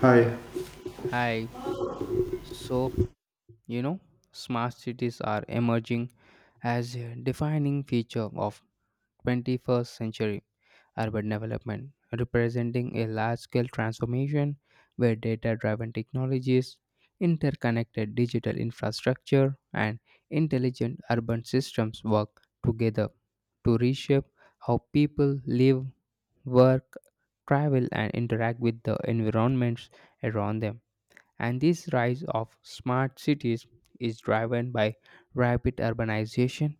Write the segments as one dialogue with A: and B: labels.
A: Hi.
B: Yeah. Hi. So, you know, Smart cities are emerging as a defining feature of 21st century urban development, representing a large-scale transformation where data-driven technologies, interconnected digital infrastructure, and intelligent urban systems work together to reshape how people live, work, travel, and interact with the environments around them. And this rise of smart cities is driven by rapid urbanization,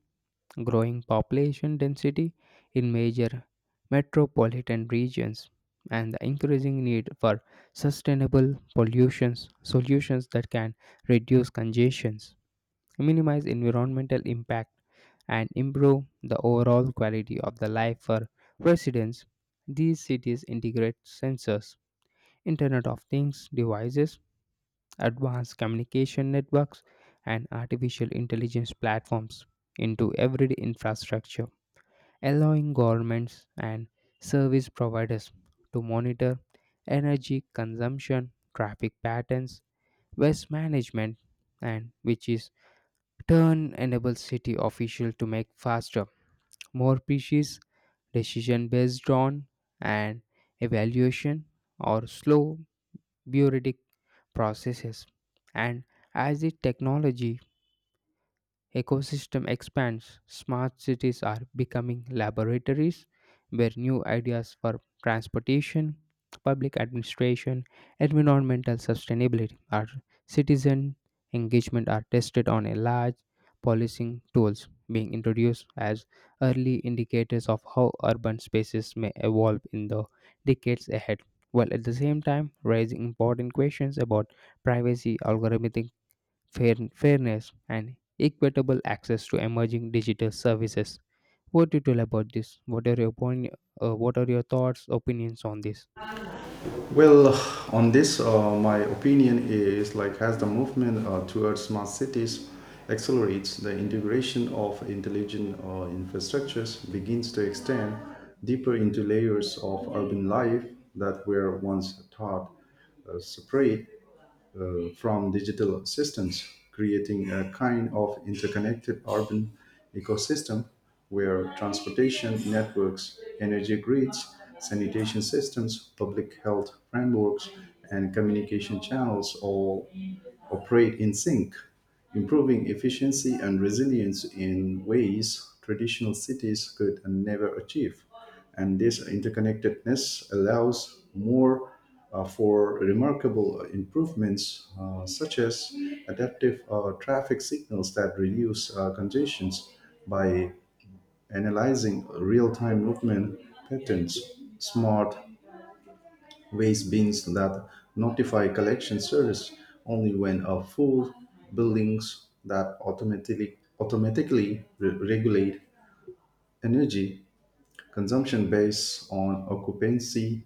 B: growing population density in major metropolitan regions, and the increasing need for sustainable pollutions solutions that can reduce congestions, minimize environmental impact, and improve the overall quality of the life for residents. These cities integrate sensors, Internet of Things devices advanced communication networks, and artificial intelligence platforms into everyday infrastructure, allowing governments and service providers to monitor energy consumption, traffic patterns, waste management, and which is turn enables city officials to make faster, more precise decision based on an evaluation or slow bureaucratic processes. And as the technology ecosystem expands, smart cities are becoming laboratories where new ideas for transportation, public administration, environmental sustainability, or citizen engagement are tested on a large policing tools being introduced as early indicators of how urban spaces may evolve in the decades ahead while at the same time raising important questions about privacy algorithmic fairness, and equitable access to emerging digital services. What do you tell about this? What are your What are your thoughts, opinions on this?
A: Well, on this, my opinion is like as the movement towards smart cities accelerates, the integration of intelligent infrastructures begins to extend deeper into layers of urban life that were once thought separate. From digital systems, creating a kind of interconnected urban ecosystem where transportation networks, energy grids, sanitation systems, public health frameworks, and communication channels all operate in sync, improving efficiency and resilience in ways traditional cities could never achieve. And this interconnectedness allows more for remarkable improvements, such as adaptive traffic signals that reduce congestions by analyzing real time movement patterns, smart waste bins that notify collection service only when a full, buildings that automatically regulate energy consumption based on occupancy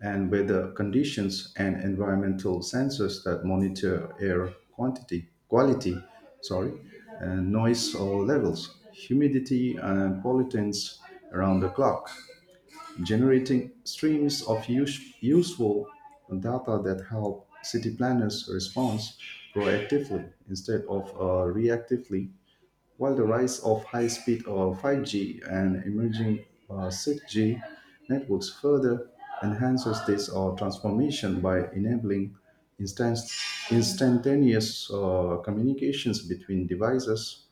A: and weather conditions, and environmental sensors that monitor air quantity quality, sorry and noise or levels, humidity, and pollutants around the clock, generating streams of useful data that help city planners respond proactively instead of reactively, while the rise of high speed or 5G and emerging 6G networks further enhances this transformation by enabling instant- instantaneous communications between devices,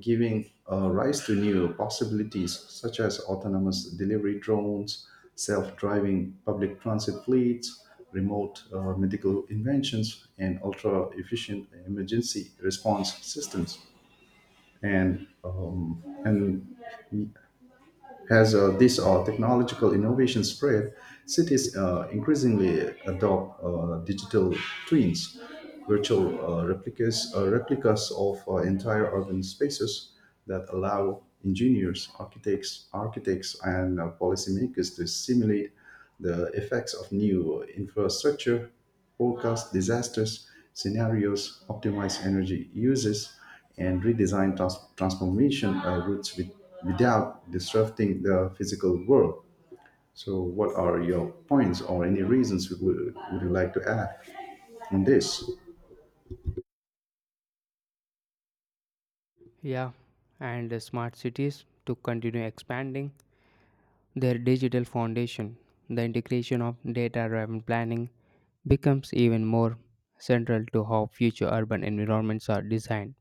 A: giving rise to new possibilities such as autonomous delivery drones, self driving public transit fleets, remote medical inventions, and ultra efficient emergency response systems. And as this technological innovation spread, cities increasingly adopt digital twins, virtual replicas of entire urban spaces that allow engineers, architects, and policymakers to simulate the effects of new infrastructure, forecast disasters, scenarios, optimize energy uses, and redesign transformation routes without disrupting the physical world. So, what are your points, or any reasons you would you like to add on this?
B: Yeah, and the smart cities to continue expanding their digital foundation. The integration of data-driven planning becomes even more central to how future urban environments are designed,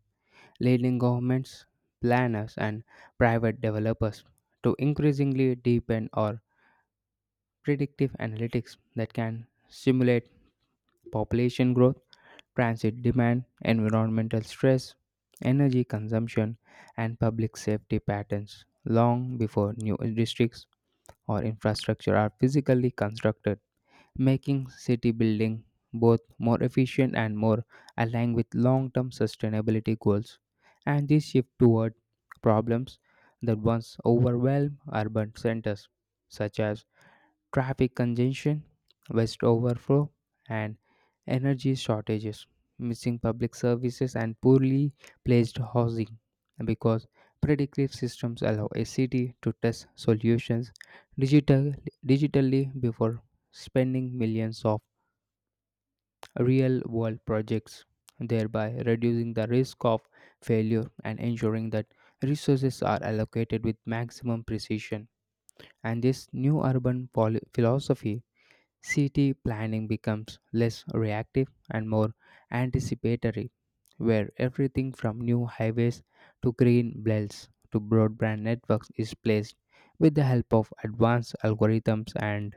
B: leading governments, planners, and private developers to increasingly deepen or predictive analytics that can simulate population growth, transit demand, environmental stress, energy consumption, and public safety patterns long before new districts or infrastructure are physically constructed, making city building both more efficient and more aligned with long term sustainability goals. And this shift toward problems that once overwhelmed urban centers, such as traffic congestion, waste overflow, and energy shortages, missing public services, and poorly placed housing. Because predictive systems allow a city to test solutions digital, digitally before spending millions of real world projects, thereby reducing the risk of failure and ensuring that resources are allocated with maximum precision. And this new urban philosophy city planning becomes less reactive and more anticipatory, where everything from new highways to green belts to broadband networks is placed with the help of advanced algorithms and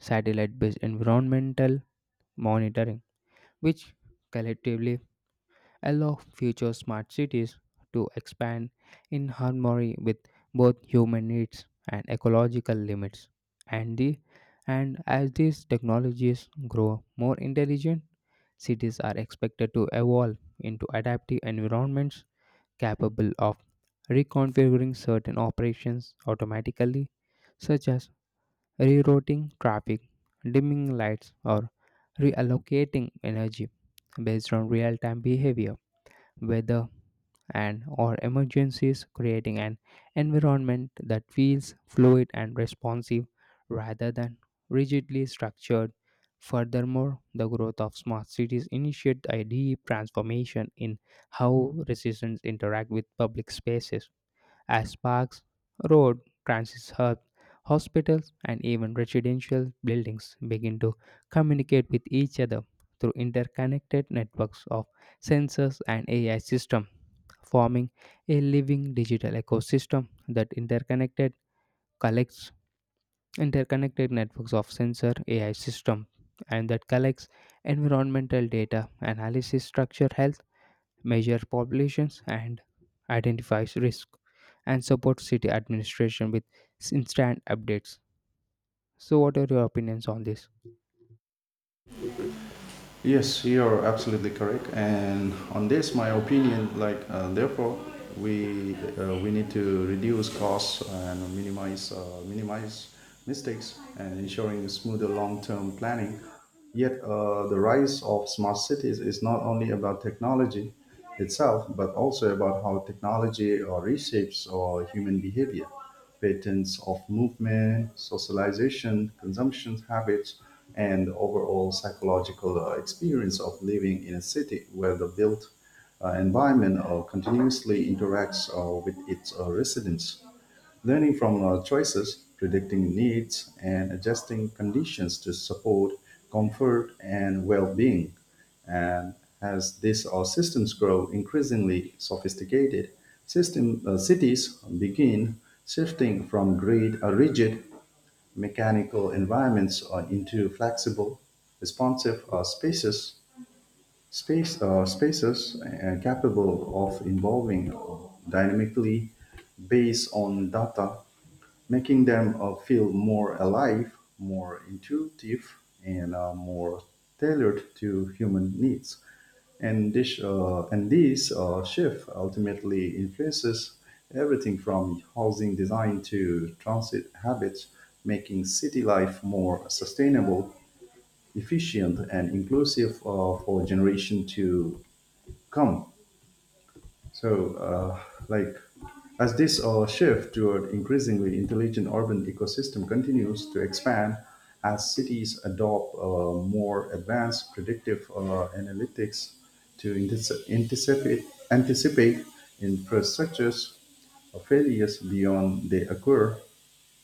B: satellite based environmental monitoring, which collectively allow future smart cities to expand in harmony with both human needs and ecological limits. And, the, and as these technologies grow more intelligent, cities are expected to evolve into adaptive environments capable of reconfiguring certain operations automatically, such as rerouting traffic, dimming lights, or reallocating energy based on real time behavior, whether and or emergencies, creating an environment that feels fluid and responsive rather than rigidly structured. Furthermore, the growth of smart cities initiated a deep transformation in how residents interact with public spaces as parks, road, transit hubs, hospitals, and even residential buildings begin to communicate with each other through interconnected networks of sensors and AI systems, forming a living digital ecosystem that interconnected collects interconnected networks of sensor AI system and that collects environmental data, analysis structure health, measure populations, and identifies risk, and supports city administration with instant updates. So, what are your opinions on this?
A: Yes, you're absolutely correct. And on this, my opinion, like therefore, we need to reduce costs and minimize mistakes and ensuring smoother long-term planning. Yet, the rise of smart cities is not only about technology itself, but also about how technology reshapes human behavior, patterns of movement, socialization, consumption habits, and overall psychological experience of living in a city where the built environment continuously interacts with its residents, learning from choices, predicting needs, and adjusting conditions to support comfort and well being. And as these our systems grow increasingly sophisticated, cities begin shifting from rigid mechanical environments into flexible, responsive spaces capable of evolving dynamically based on data, making them feel more alive, more intuitive, and more tailored to human needs. And this shift ultimately influences everything from housing design to transit habits, making city life more sustainable, efficient, and inclusive for generation to come. So, like as this shift toward increasingly intelligent urban ecosystem continues to expand, as cities adopt more advanced predictive analytics to anticipate infrastructures failures beyond they occur,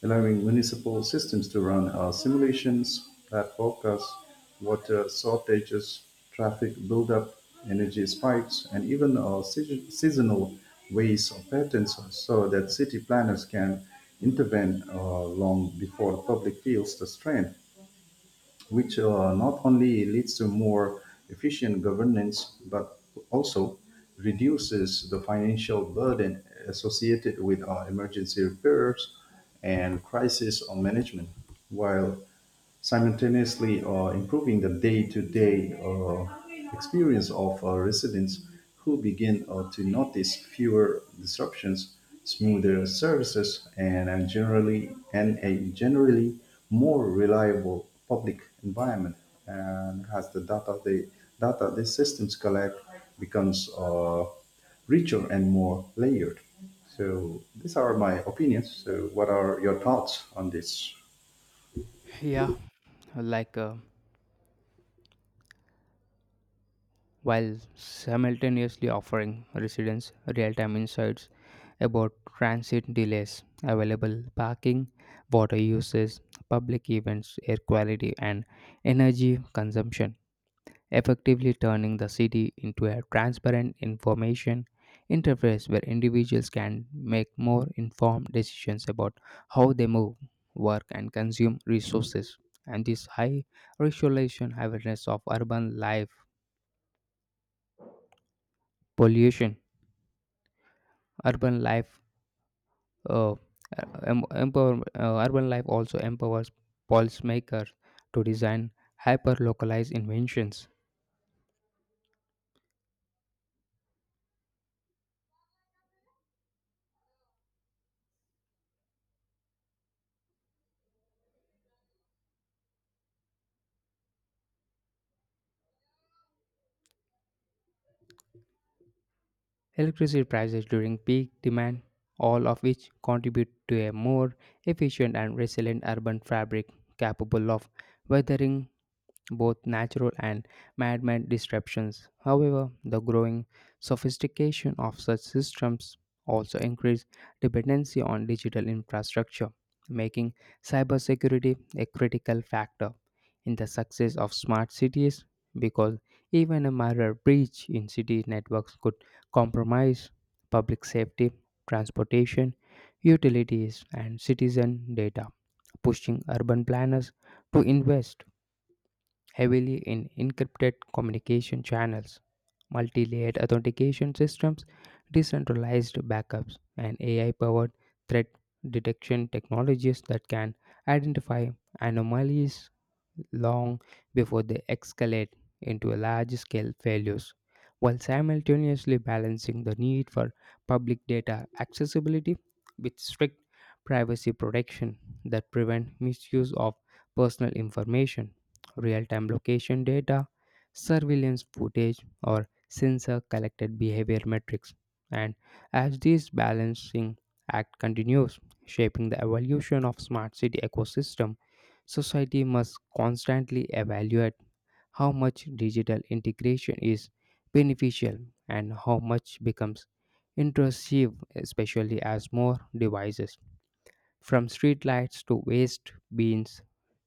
A: allowing municipal systems to run our simulations that forecast water shortages, traffic buildup, energy spikes, and even our seasonal ways of patterns so that city planners can intervene long before the public feels the strain, which not only leads to more efficient governance but also reduces the financial burden associated with emergency repairs and crisis management, while simultaneously improving the day-to-day experience of residents who begin to notice fewer disruptions, smoother services, and a generally more reliable public environment. And as the data the systems collect becomes richer and more layered. So these are my opinions. So what are your thoughts on this?
B: Yeah, like uh, while simultaneously offering residents real time insights about transit delays, available parking, water uses, public events, air quality, and energy consumption, effectively turning the city into a transparent information interface where individuals can make more informed decisions about how they move, work, and consume resources. And this high racialization awareness of urban life pollution, urban life, uh, urban life also empowers policymakers to design hyper-localized inventions electricity prices during peak demand, all of which contribute to a more efficient and resilient urban fabric capable of weathering both natural and man-made disruptions. However, the growing sophistication of such systems also increased dependency on digital infrastructure, making cybersecurity a critical factor in the success of smart cities because even a minor breach in city networks could compromise public safety, transportation, utilities, and citizen data, pushing urban planners to invest heavily in encrypted communication channels, multi layered authentication systems, decentralized backups, and AI powered threat detection technologies that can identify anomalies long before they escalate into large scale failures, while simultaneously balancing the need for public data accessibility with strict privacy protection that prevent misuse of personal information real time location data, surveillance footage, or sensor collected behavior metrics. And as this balancing act continues, shaping the evolution of smart city ecosystem, society must constantly evaluate how much digital integration is beneficial and how much becomes intrusive, especially as more devices from streetlights to waste bins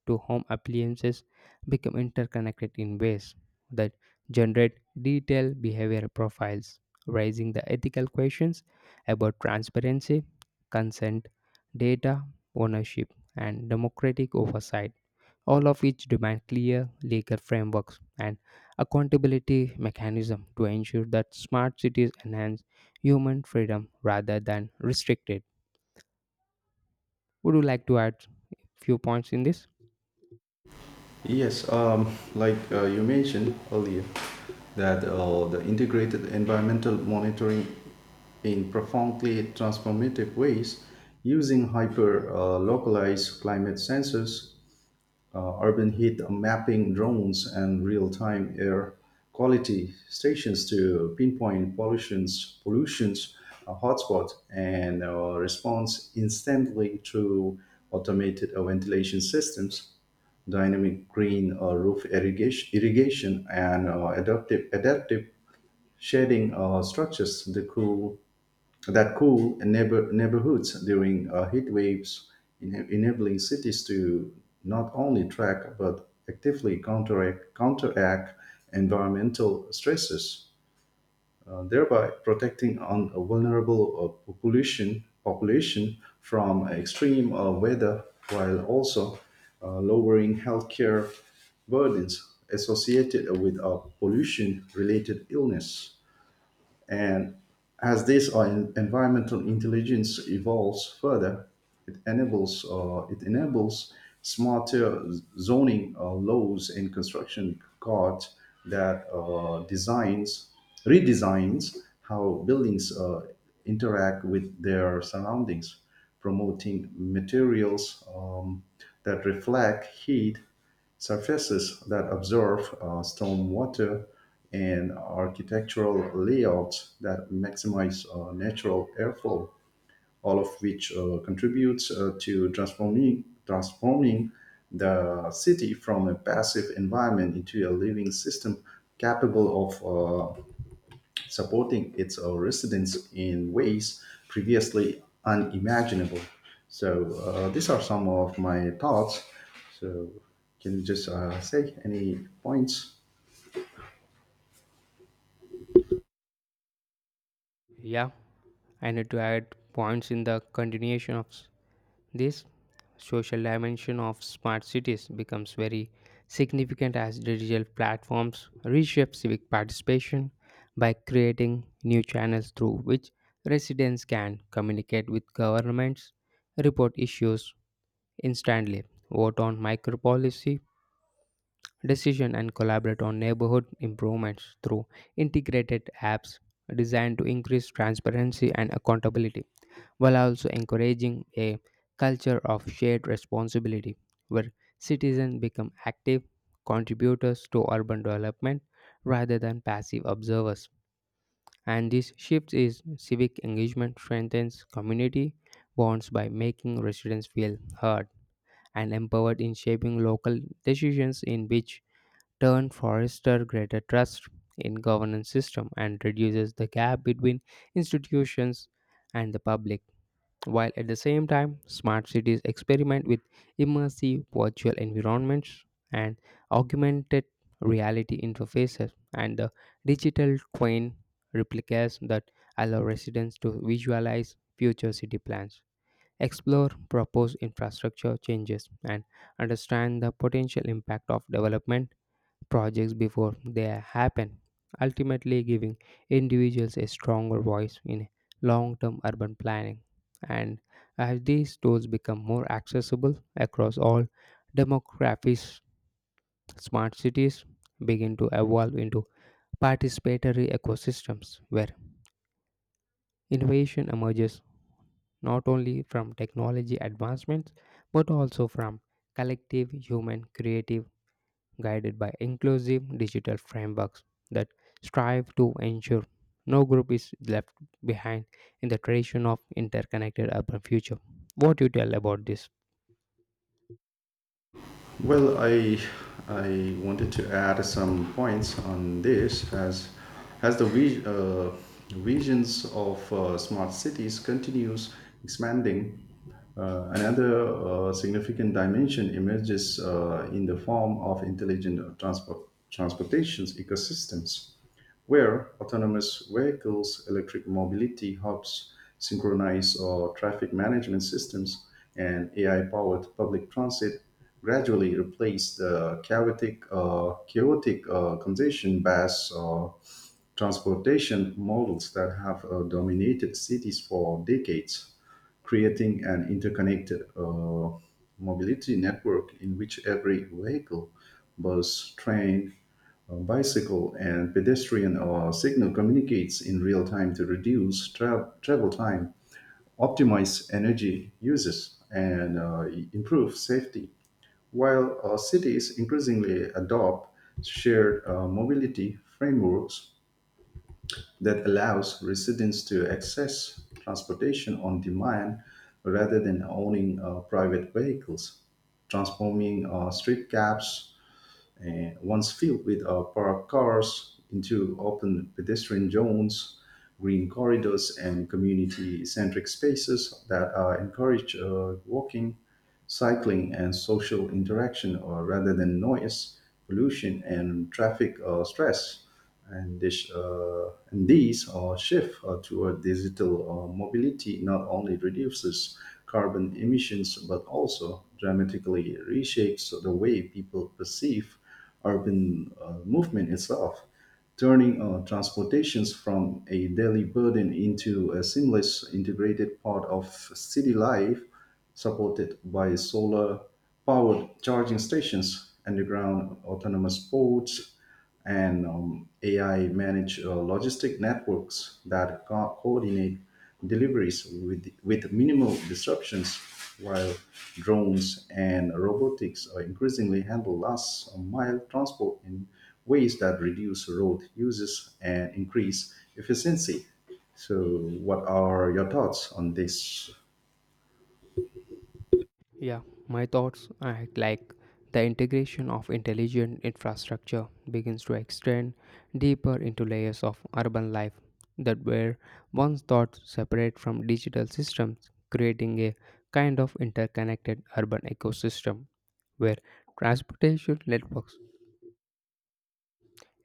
B: to home appliances become interconnected in ways that generate detailed behavioral profiles, raising the ethical questions about transparency, consent, data ownership, and democratic oversight, all of which demand clear legal frameworks and accountability mechanism to ensure that smart cities enhance human freedom rather than restrict it. Would you like to add few points in this?
A: Yes, you mentioned earlier that the integrated environmental monitoring in profoundly transformative ways, using hyper localized climate sensors, urban heat mapping drones, and real time air quality stations to pinpoint pollutions hotspots and responds instantly through automated ventilation systems, dynamic green irrigation, and adaptive shading structures. The cool that cool neighborhoods during heat waves, enabling cities to not only track but actively counteract environmental stresses, thereby protecting on a vulnerable population from extreme weather, while also lowering healthcare burdens associated with pollution-related illness. And as this environmental intelligence evolves further, it enables smarter zoning laws and construction codes that designs redesigns how buildings interact with their surroundings, promoting materials that reflect heat, surfaces that absorb storm water, and architectural layouts that maximize natural airflow, all of which contributes transforming the city from a passive environment into a living system capable of supporting its residents in ways previously unimaginable. So these are some of my thoughts. So can you just say any points?
B: Yeah, I need to add points in the continuation of this. Social dimension of smart cities becomes very significant as digital platforms reshape civic participation by creating new channels through which residents can communicate with governments, report issues instantly, vote on micro policy, decision and collaborate on neighborhood improvements through integrated apps designed to increase transparency and accountability while also encouraging a culture of shared responsibility where citizens become active contributors to urban development rather than passive observers and this shift is civic engagement strengthens community bonds by making residents feel heard and empowered in shaping local decisions in which turn foster greater trust in governance system and reduces the gap between institutions and the public while at the same time smart cities experiment with immersive virtual environments and augmented reality interfaces and the digital twin replicas that allow residents to visualize future city plans explore proposed infrastructure changes and understand the potential impact of development projects before they happen, ultimately giving individuals a stronger voice in long term urban planning. And as these tools become more accessible across all demographics, smart cities begin to evolve into participatory ecosystems where innovation emerges not only from technology advancements but also from collective human creative guided by inclusive digital frameworks that strive to ensure no group is left behind in the tradition of interconnected urban future. What do you tell about this?
A: Well, I wanted to add some points on this as as the vi- uh, visions of smart cities continues expanding. Another significant dimension emerges in the form of intelligent transportations ecosystems where autonomous vehicles, electric mobility hubs, synchronized or traffic management systems, and AI powered public transit gradually replace the chaotic congestion based transportation models that have dominated cities for decades, creating an interconnected mobility network in which every vehicle, bus, train, bicycle, and pedestrian signal communicates in real time to reduce travel time, optimize energy uses, and improve safety. While cities increasingly adopt shared mobility frameworks that allows residents to access transportation on demand rather than owning private vehicles, transforming street gaps once filled with parked cars into open pedestrian zones, green corridors, and community centric spaces that encourage walking, cycling, and social interaction rather than noise, pollution, and traffic stress. And, this, and these shift toward digital mobility not only reduces carbon emissions but also dramatically reshapes the way people perceive urban movement itself, turning transportations from a daily burden into a seamless, integrated part of city life, supported by solar powered charging stations, underground autonomous ports, and AI manage logistic networks that coordinate deliveries with minimal disruptions, while drones and robotics are increasingly handle last mile transport in ways that reduce road uses and increase efficiency. So, what are your thoughts on this?
B: Yeah, My thoughts are like the integration of intelligent infrastructure begins to extend deeper into layers of urban life that were once thought separate from digital systems, creating a kind of interconnected urban ecosystem where transportation networks,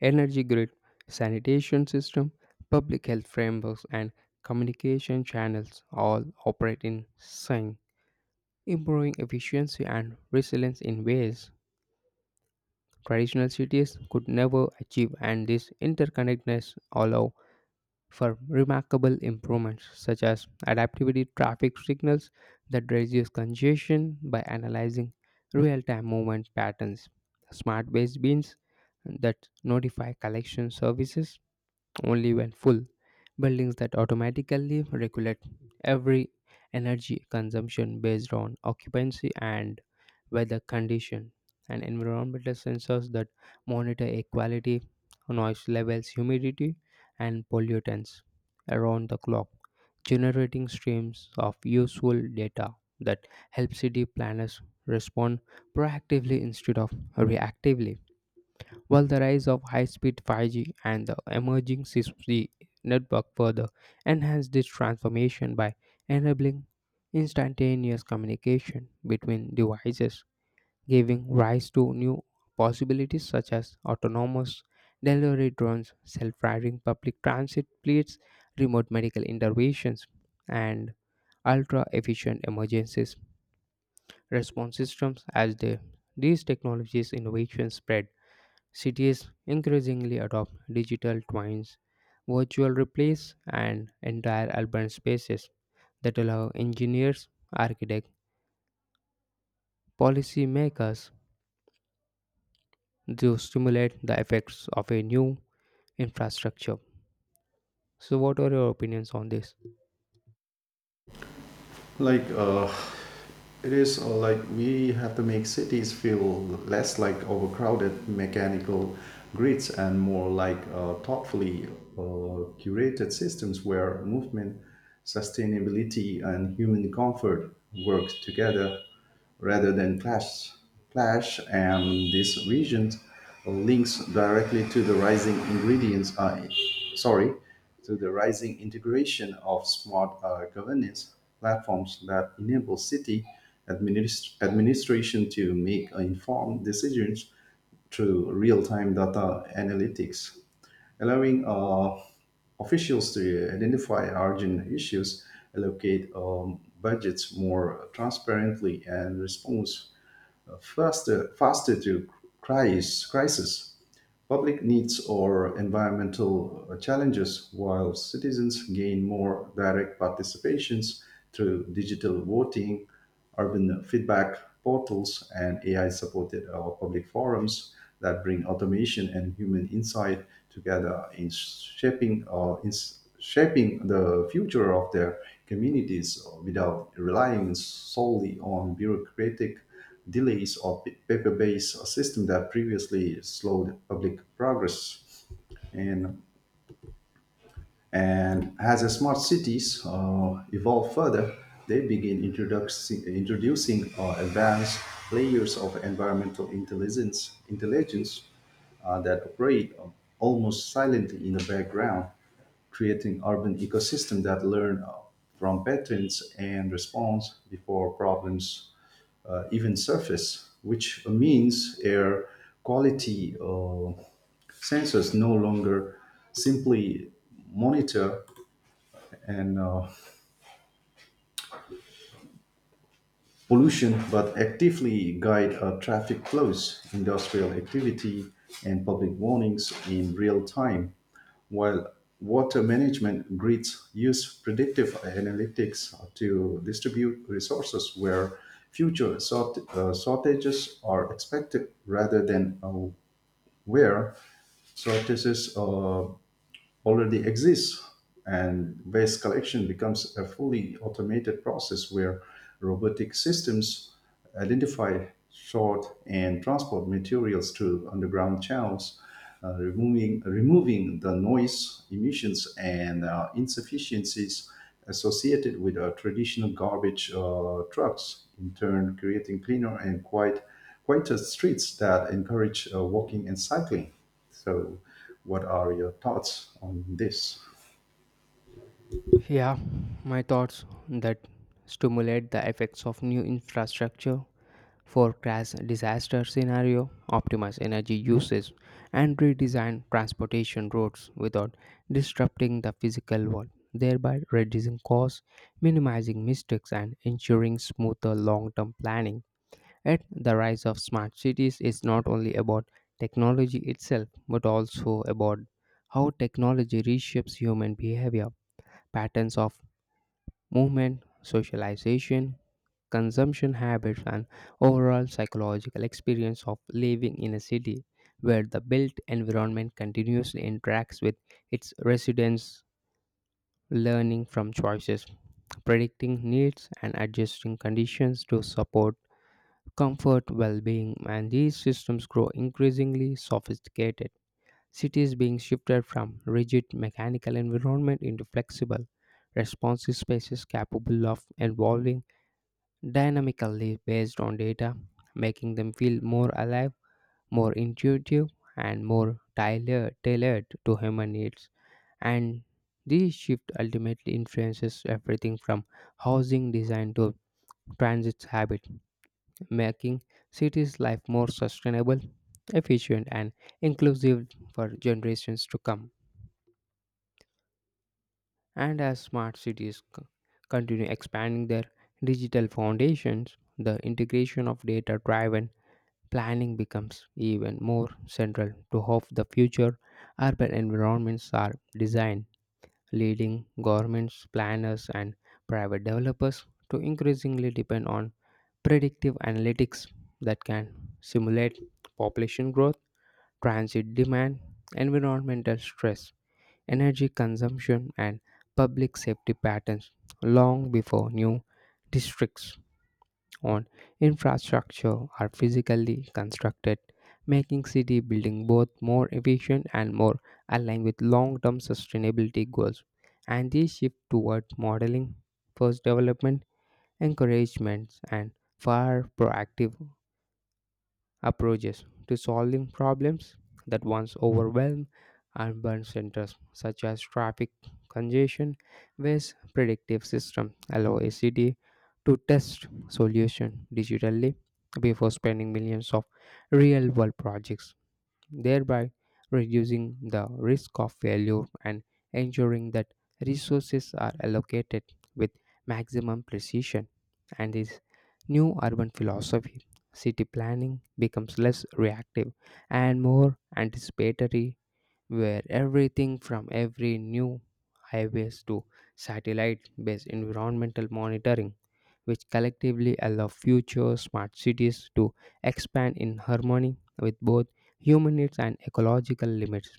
B: energy grid, sanitation system, public health frameworks, and communication channels all operate in sync improving efficiency and resilience in ways traditional cities could never achieve, and this interconnectedness allow for remarkable improvements such as adaptivity traffic signals that reduce congestion by analyzing real-time movement patterns, smart waste bins that notify collection services only when full. Buildings that automatically regulate every energy consumption based on occupancy and weather condition, and environmental sensors that monitor air quality, noise levels, humidity, and pollutants around the clock, generating streams of useful data that help city planners respond proactively instead of reactively while the rise of high-speed 5G and the emerging 6G network further enhanced this transformation by enabling instantaneous communication between devices, giving rise to new possibilities such as autonomous delivery drones, self-driving public transit fleets, remote medical interventions, and ultra-efficient emergency response systems as these technologies innovations spread cities increasingly adopt digital twins, virtual replays, and entire urban spaces that allow engineers, architects, policy makers to stimulate the effects of a new infrastructure. So, what are your opinions on this?
A: Like it is Like we have to make cities feel less like overcrowded mechanical grids and more like thoughtfully curated systems where movement, sustainability, and human comfort work together rather than clash, and this region links directly to the sorry, rising integration of smart governance platforms that enable city administration to make informed decisions through real-time data analytics, allowing officials to identify urgent issues, allocate budgets more transparently, and respond faster to crisis, public needs, or environmental challenges, while citizens gain more direct participations through digital voting, urban feedback portals, and AI supported or public forums that bring automation and human insight together in shaping or in shaping the future of their communities without relying solely on bureaucratic delays of paper-based system that previously slowed public progress. And, and as the smart cities evolve further, they begin introducing advanced layers of environmental intelligence that operate almost silently in the background, creating urban ecosystems that learn from patterns and response before problems even surface, which means air quality sensors no longer simply monitor and pollution, but actively guide traffic flows, industrial activity, and public warnings in real time. While water management grids use predictive analytics to distribute resources where shortages are expected rather than where sortices already exist, and waste collection becomes a fully automated process where robotic systems identify, sort, and transport materials to underground channels, removing the noise, emissions, and insufficiencies associated with traditional garbage trucks, in turn creating cleaner and quieter streets that encourage walking and cycling. So, what are your thoughts on this?
B: Yeah, my thoughts that stimulate the effects of new infrastructure forecast disaster scenario, optimize energy usage, and redesign transportation routes without disrupting the physical world, thereby reducing costs, minimizing mistakes, and ensuring smoother long term planning. Yet, the rise of smart cities is not only about technology itself, but also about how technology reshapes human behavior, patterns of movement, socialization, consumption habits, and overall psychological experience of living in a city where the built environment continuously interacts with its residents, learning from choices, predicting needs, and adjusting conditions to support comfort, well being, and these systems grow increasingly sophisticated. Cities being shifted from rigid mechanical environment into flexible, responsive spaces capable of evolving dynamically based on data, making them feel more alive, more intuitive, and more tailored to human needs. And this shift ultimately influences everything from housing design to transit habit, making cities' life more sustainable, efficient, and inclusive for generations to come. And as smart cities continue expanding their digital foundations, the integration of data driven planning becomes even more central to how the future urban environments are designed, leading governments, planners, and private developers to increasingly depend on predictive analytics that can simulate population growth, transit demand, environmental stress, energy consumption, and public safety patterns long before new districts on infrastructure are physically constructed, making city building both more efficient and more aligned with long-term sustainability goals. And this shift towards modeling, first development, encouragements, and far proactive approaches to solving problems that once overwhelmed urban centers, such as traffic congestion, whereas predictive systems allow a city to test solutions digitally before spending millions of real world projects thereby reducing the risk of failure and ensuring that resources are allocated with maximum precision. And this new urban philosophy, city planning becomes less reactive and more anticipatory, where everything from every new highways to satellite based environmental monitoring which collectively allow future smart cities to expand in harmony with both human needs and ecological limits.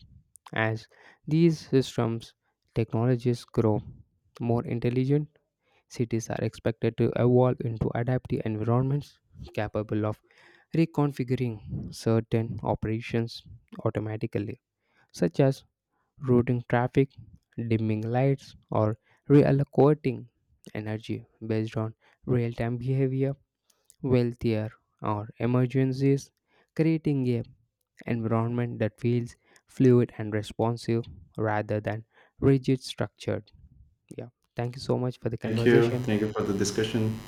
B: As these systems technologies grow more intelligent, cities are expected to evolve into adaptive environments capable of reconfiguring certain operations automatically, such as routing traffic, dimming lights, or reallocating energy based on real time behavior wealthier, or emergencies, creating a environment that feels fluid and responsive rather than rigid structured. Yeah. Thank you so much for the
A: Thank you.
B: conversation.
A: Thank you for the discussion.